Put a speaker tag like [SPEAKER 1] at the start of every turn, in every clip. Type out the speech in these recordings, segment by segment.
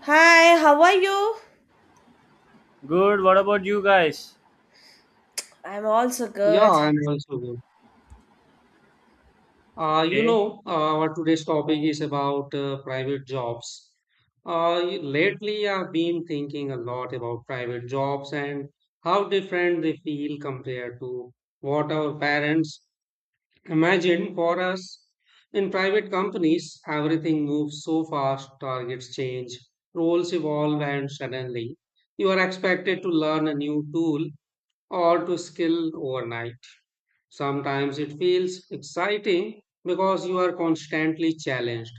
[SPEAKER 1] Hi, how are you?
[SPEAKER 2] Good. What about you guys?
[SPEAKER 1] I'm also
[SPEAKER 3] Yeah,
[SPEAKER 1] good.
[SPEAKER 3] I'm also good.
[SPEAKER 2] Okay.
[SPEAKER 3] Our today's topic is about private jobs. Lately, I've been thinking a lot about private jobs and how different they feel compared to what our parents imagined for us. In private companies, everything moves so fast, targets change, roles evolve, and suddenly you are expected to learn a new tool or to skill overnight. Sometimes it feels exciting because you are constantly challenged,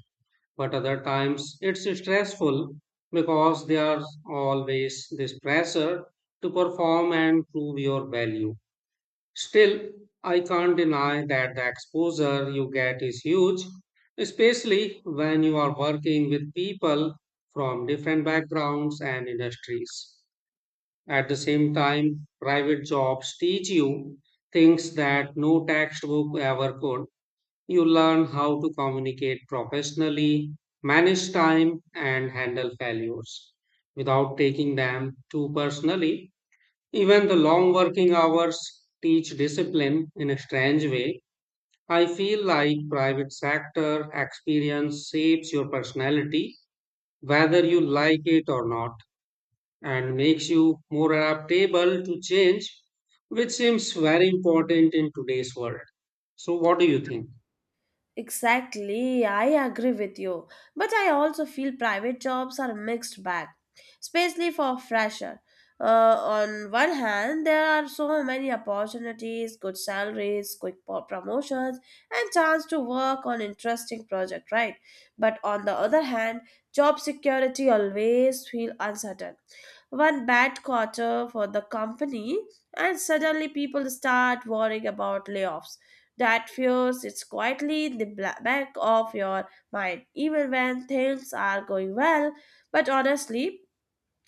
[SPEAKER 3] but other times it's stressful because there's always this pressure to perform and prove your value. Still, I can't deny that the exposure you get is huge, especially when you are working with people from different backgrounds and industries. At the same time, private jobs teach you things that no textbook ever could. You learn how to communicate professionally, manage time, and handle failures without taking them too personally. Even the long working hours teach discipline in a strange way. I feel like private sector experience shapes your personality, whether you like it or not, and makes you more adaptable to change, which seems very important in today's world. So, what do you think?
[SPEAKER 1] Exactly, I agree with you. But I also feel private jobs are a mixed bag, especially for fresher. On one hand, there are so many opportunities, good salaries, quick promotions, and chance to work on interesting project, right? But on the other hand, job security always feel uncertain. One bad quarter for the company, and suddenly people start worrying about layoffs that fear sits quietly in the back of your mind, even when things are going well. But honestly,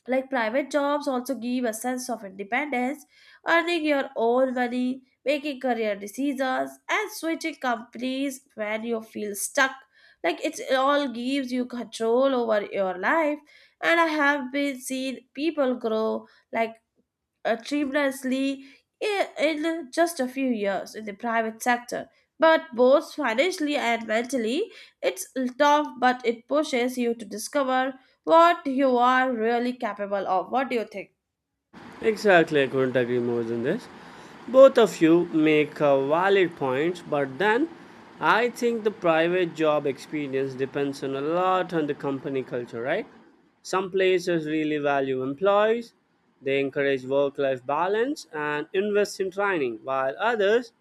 [SPEAKER 1] like private jobs also give a sense of independence, earning your own money, making career decisions, and switching companies when you feel stuck. Like it all gives you control over your life. And I have been seen people grow like achieved nicely in just a few years in the private sector. But both financially and mentally, it's tough, but it pushes you to discover what you are really capable of. What do you think?
[SPEAKER 2] Exactly, I couldn't agree more than this. Both of you make valid points, but then I think the private job experience depends on a lot on the company culture, right? Some places really value employees, they encourage work life balance and invest in training, while others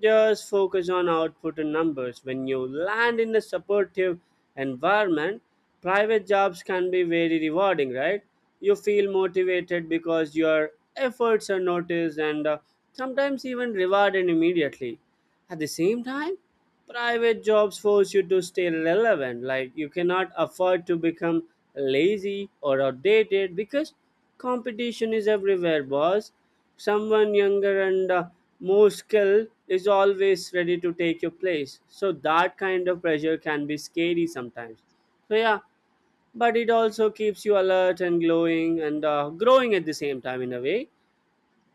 [SPEAKER 2] just focus on output and numbers. When you land in a supportive environment, private jobs can be very rewarding, right? You feel motivated because your efforts are noticed and, sometimes even rewarded immediately. At the same time, private jobs force you to stay relevant. Like you cannot afford to become lazy or outdated because competition is everywhere, boss. Someone younger and, more skilled is always ready to take your place. So that kind of pressure can be scary sometimes. So yeah, but it also keeps you alert and glowing and, growing at the same time in a way.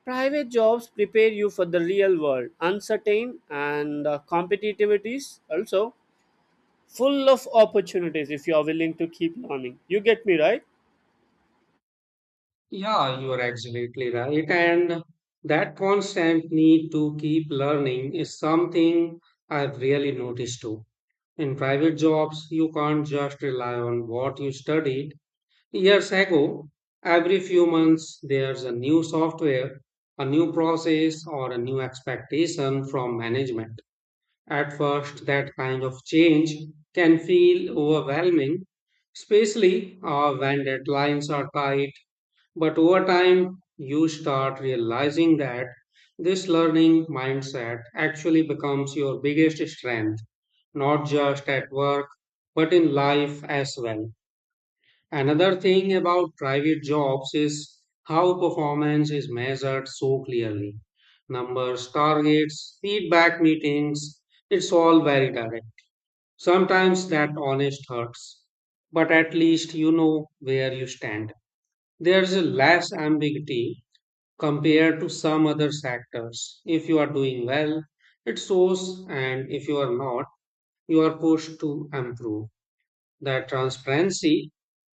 [SPEAKER 2] Private jobs prepare you for the real world, uncertain and, competitivities also full of opportunities if you are willing to keep learning. You get me right?
[SPEAKER 3] Yeah, you are absolutely right. And that constant need to keep learning is something I've really noticed too. In private jobs, you can't just rely on what you studied years ago. Every few months, there's a new software, a new process, or a new expectation from management. At first, that kind of change can feel overwhelming, especially when deadlines are tight. But over time, you start realizing that this learning mindset actually becomes your biggest strength, not just at work, but in life as well. Another thing about private jobs is how performance is measured so clearly. Numbers, targets, feedback meetings, it's all very direct. Sometimes that honest hurts, but at least you know where you stand. There's a less ambiguity compared to some other sectors. If you are doing well, it shows, and if you are not, you are pushed to improve. That transparency,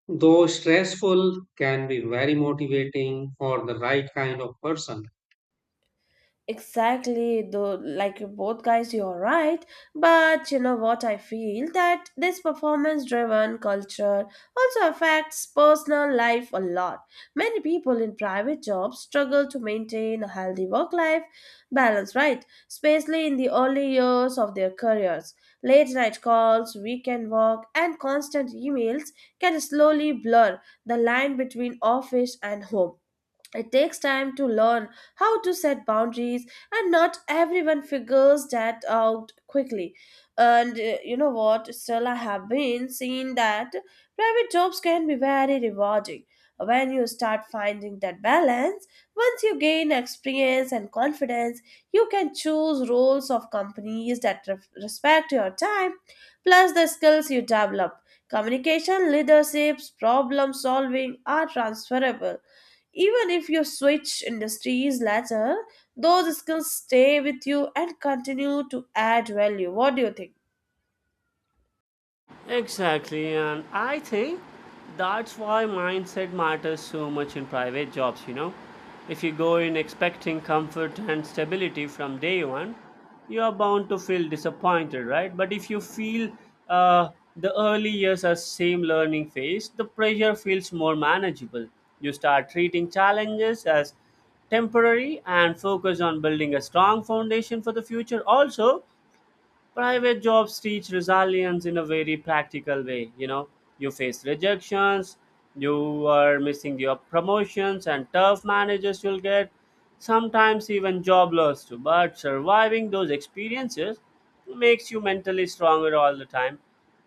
[SPEAKER 3] though stressful, can be very motivating for the right kind of person.
[SPEAKER 1] Exactly, though, like you both guys, you're right. But you know what? I feel that this performance driven culture also affects personal life a lot. Many people in private jobs struggle to maintain a healthy work life balance, right? Especially in the early years of their careers. Late night calls, weekend work, and constant emails can slowly blur the line between office and home. It takes time to learn how to set boundaries, and not everyone figures that out quickly. And you know what? Still, I have been seeing that private jobs can be very rewarding. When you start finding that balance, once you gain experience and confidence, you can choose roles of companies that respect your time, plus the skills you develop. Communication, leaderships, problem solving are transferable even if you switch industries later, those skills stay with you and continue to add value. What do you think?
[SPEAKER 2] Exactly, and I think that's why mindset matters so much in private jobs, you know. If you go in expecting comfort and stability from day one, you are bound to feel disappointed, right? But if you feel uh, the early years as same learning phase, the pressure feels more manageable. You start treating challenges as temporary and focus on building a strong foundation for the future. Also, private jobs teach resilience in a very practical way, you know, you face rejections, you are missing your promotions and tough managers you'll get, sometimes even job loss too, but surviving those experiences makes you mentally stronger all the time.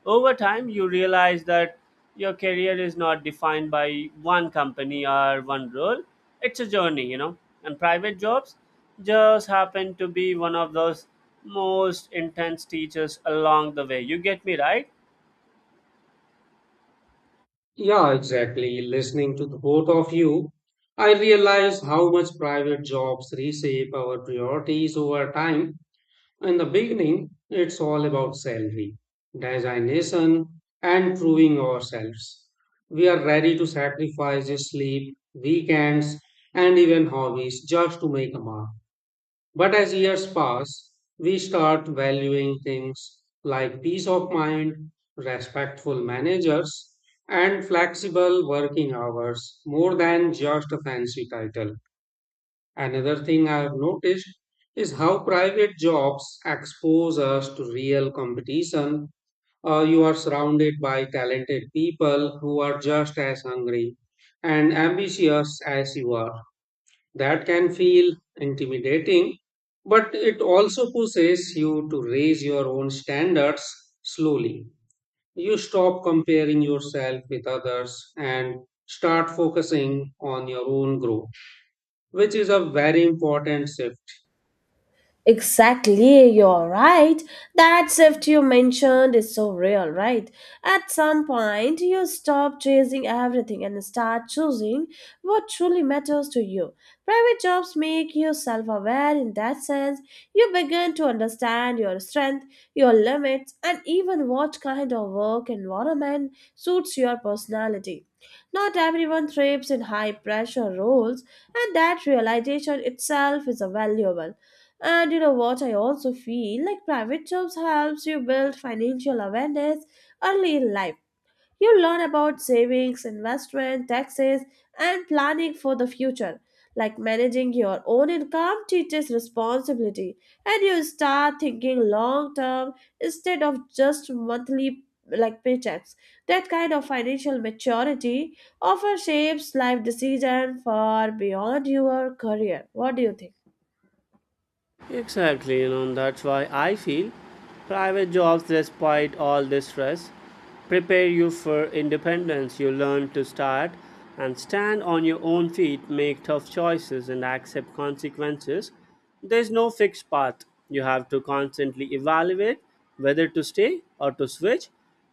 [SPEAKER 2] Over time, you realize that your career is not defined by one company or one role. It's a journey, you know. And private jobs just happen to be one of those most intense teachers along the way. You get me right?
[SPEAKER 3] Yeah, exactly. Listening to the both of you, I realize how much private jobs reshape our priorities over time. In the beginning, it's all about salary, designation, and proving ourselves. We are ready to sacrifice sleep, weekends, and even hobbies just to make a mark. But as years pass, we start valuing things like peace of mind, respectful managers, and flexible working hours more than just a fancy title. Another thing I have noticed is how private jobs expose us to real competition. You are surrounded by talented people who are just as hungry and ambitious as you are. That can feel intimidating, but it also pushes you to raise your own standards slowly. You stop comparing yourself with others and start focusing on your own growth, which is a very important shift.
[SPEAKER 1] Exactly, you're right. That shift you mentioned is so real, right? At some point, you stop chasing everything and start choosing what truly matters to you. Private jobs make you self aware in that sense. You begin to understand your strength, your limits, and even what kind of work environment suits your personality. Not everyone thrives in high pressure roles, and that realization itself is a valuable. And you know what? I also feel like private jobs helps you build financial awareness early in life. You learn about savings, investment, taxes, and planning for the future. Like managing your own income teaches responsibility, and you start thinking long term instead of just monthly like paychecks. That kind of financial maturity often shapes life decision far beyond your career. What do you think?
[SPEAKER 2] Exactly, you know, that's why I feel private jobs, despite all this stress, prepare you for independence. You learn to start and stand on your own feet, make tough choices, and accept consequences. There's no fixed path. You have to constantly evaluate whether to stay or to switch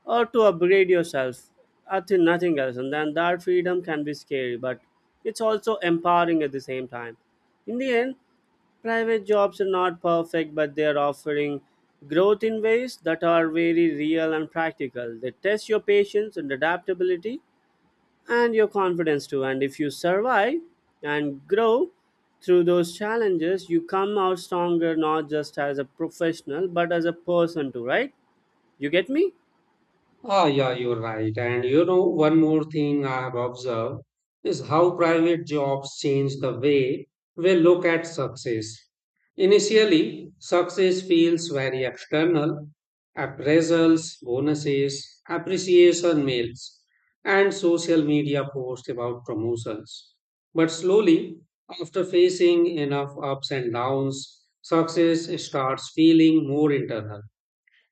[SPEAKER 2] or to upgrade yourself. I think nothing else. And then that freedom can be scary, but it's also empowering at the same time. In the end, private jobs are not perfect, but they are offering growth in ways that are very real and practical. They test your patience and adaptability and your confidence too. And if you survive and grow through those challenges, you come out stronger, not just as a professional but as a person too, right? You get me?
[SPEAKER 3] Ah, yeah, you're right. And you know, one more thing I have observed is how private jobs change the way we look at success. Initially, success feels very external: appraisals, bonuses, appreciation mails, and social media posts about promotions. But slowly, after facing enough ups and downs, success starts feeling more internal.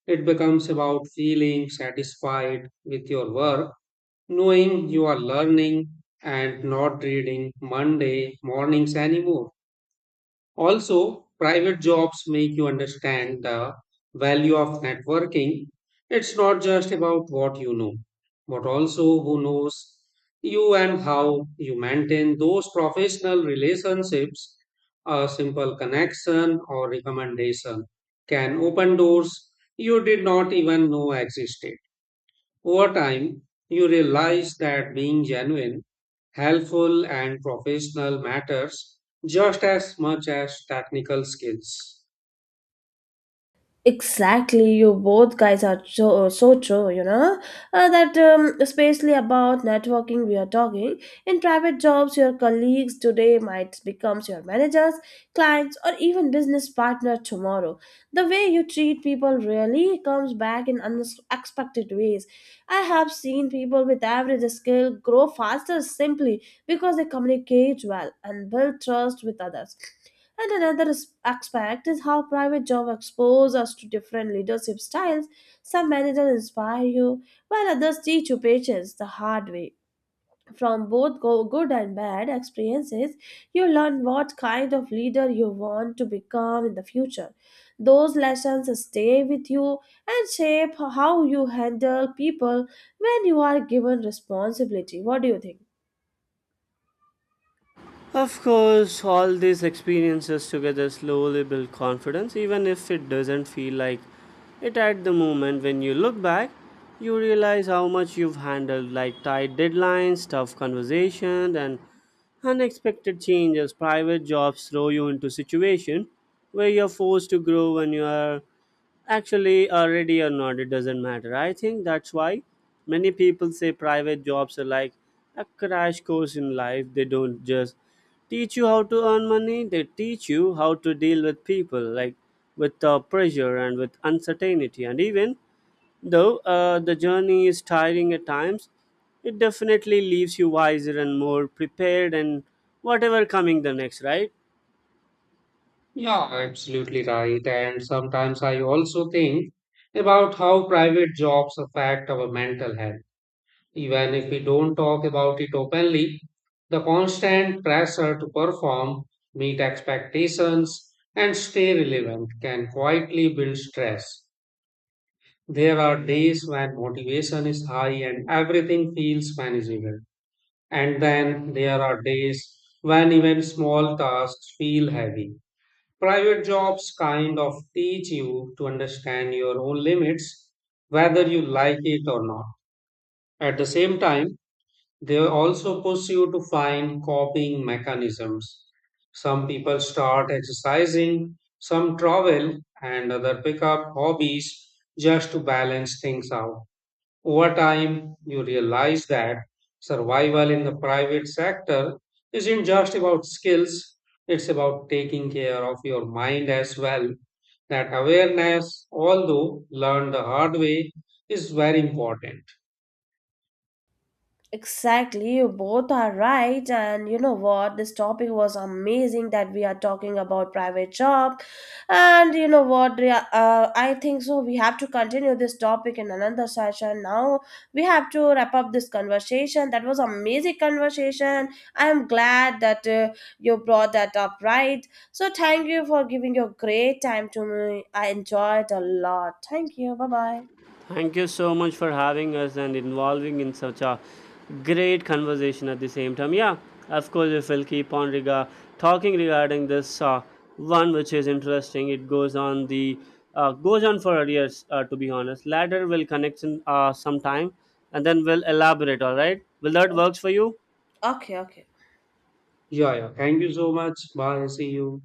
[SPEAKER 3] It becomes about feeling satisfied with your work, knowing you are learning and not reading Monday mornings anymore. Also, private jobs make you understand the value of networking. It's not just about what you know, but also who knows you and how you maintain those professional relationships. A simple connection or recommendation can open doors you did not even know existed. Over time, you realize that being genuine, helpful, and professional matters just as much as technical skills.
[SPEAKER 1] Exactly, you both guys are so, so true, you know. Especially about networking, we are talking. In private jobs, your colleagues today might becomes your managers, clients, or even business partner tomorrow. The way you treat people really comes back in unexpected ways. I have seen people with average skill grow faster simply because they communicate well and build trust with others. And another aspect is how private jobs expose us to different leadership styles. Some managers inspire you, while others teach you patience the hard way. From both good and bad experiences, you learn what kind of leader you want to become in the future. Those lessons stay with you and shape how you handle people when you are given responsibility. What do you think?
[SPEAKER 2] Of course, all these experiences together slowly build confidence, even if it doesn't feel like it at the moment. When you look back, you realize how much you've handled, like tight deadlines, tough conversations, and unexpected changes. Private jobs throw you into situation where you're forced to grow. When you are actually are ready or not, it doesn't matter. I think that's why many people say private jobs are like a crash course in life. They don't just teach you how to earn money, they teach you how to deal with people, like with pressure and with uncertainty, and even though the journey is tiring at times, it definitely leaves you wiser and more prepared and whatever coming the next, right?
[SPEAKER 3] Yeah, absolutely right. And sometimes I also think about how private jobs affect our mental health. Even if we don't talk about it openly, the constant pressure to perform, meet expectations, and stay relevant can quietly build stress. There are days when motivation is high and everything feels manageable. And then there are days when even small tasks feel heavy. Private jobs kind of teach you to understand your own limits, whether you like it or not. At the same time, they also push you to find coping mechanisms. Some people start exercising, some travel, and other pick up hobbies just to balance things out. Over time, you realize that survival in the private sector isn't just about skills, it's about taking care of your mind as well. That awareness, although learned the hard way, is very important.
[SPEAKER 1] Exactly, you both are right. And you know what? This topic was amazing that we are talking about private job. And you know what? I think so. We have to continue this topic in another session. Now we have to wrap up this conversation. That was amazing conversation. I am glad that you brought that up, right? So thank you for giving your great time to me. I enjoyed a lot. Thank you. Bye bye.
[SPEAKER 2] Thank you so much for having us and involving in such a great conversation at the same time. Yeah, of course, if we'll keep on talking regarding this one, which is interesting. It goes on the goes on for years, to be honest. Later, we'll connect in sometime, and then we'll elaborate. All right, will that works for you?
[SPEAKER 1] Okay, okay.
[SPEAKER 3] Yeah, yeah. Thank you so much. Bye. See you.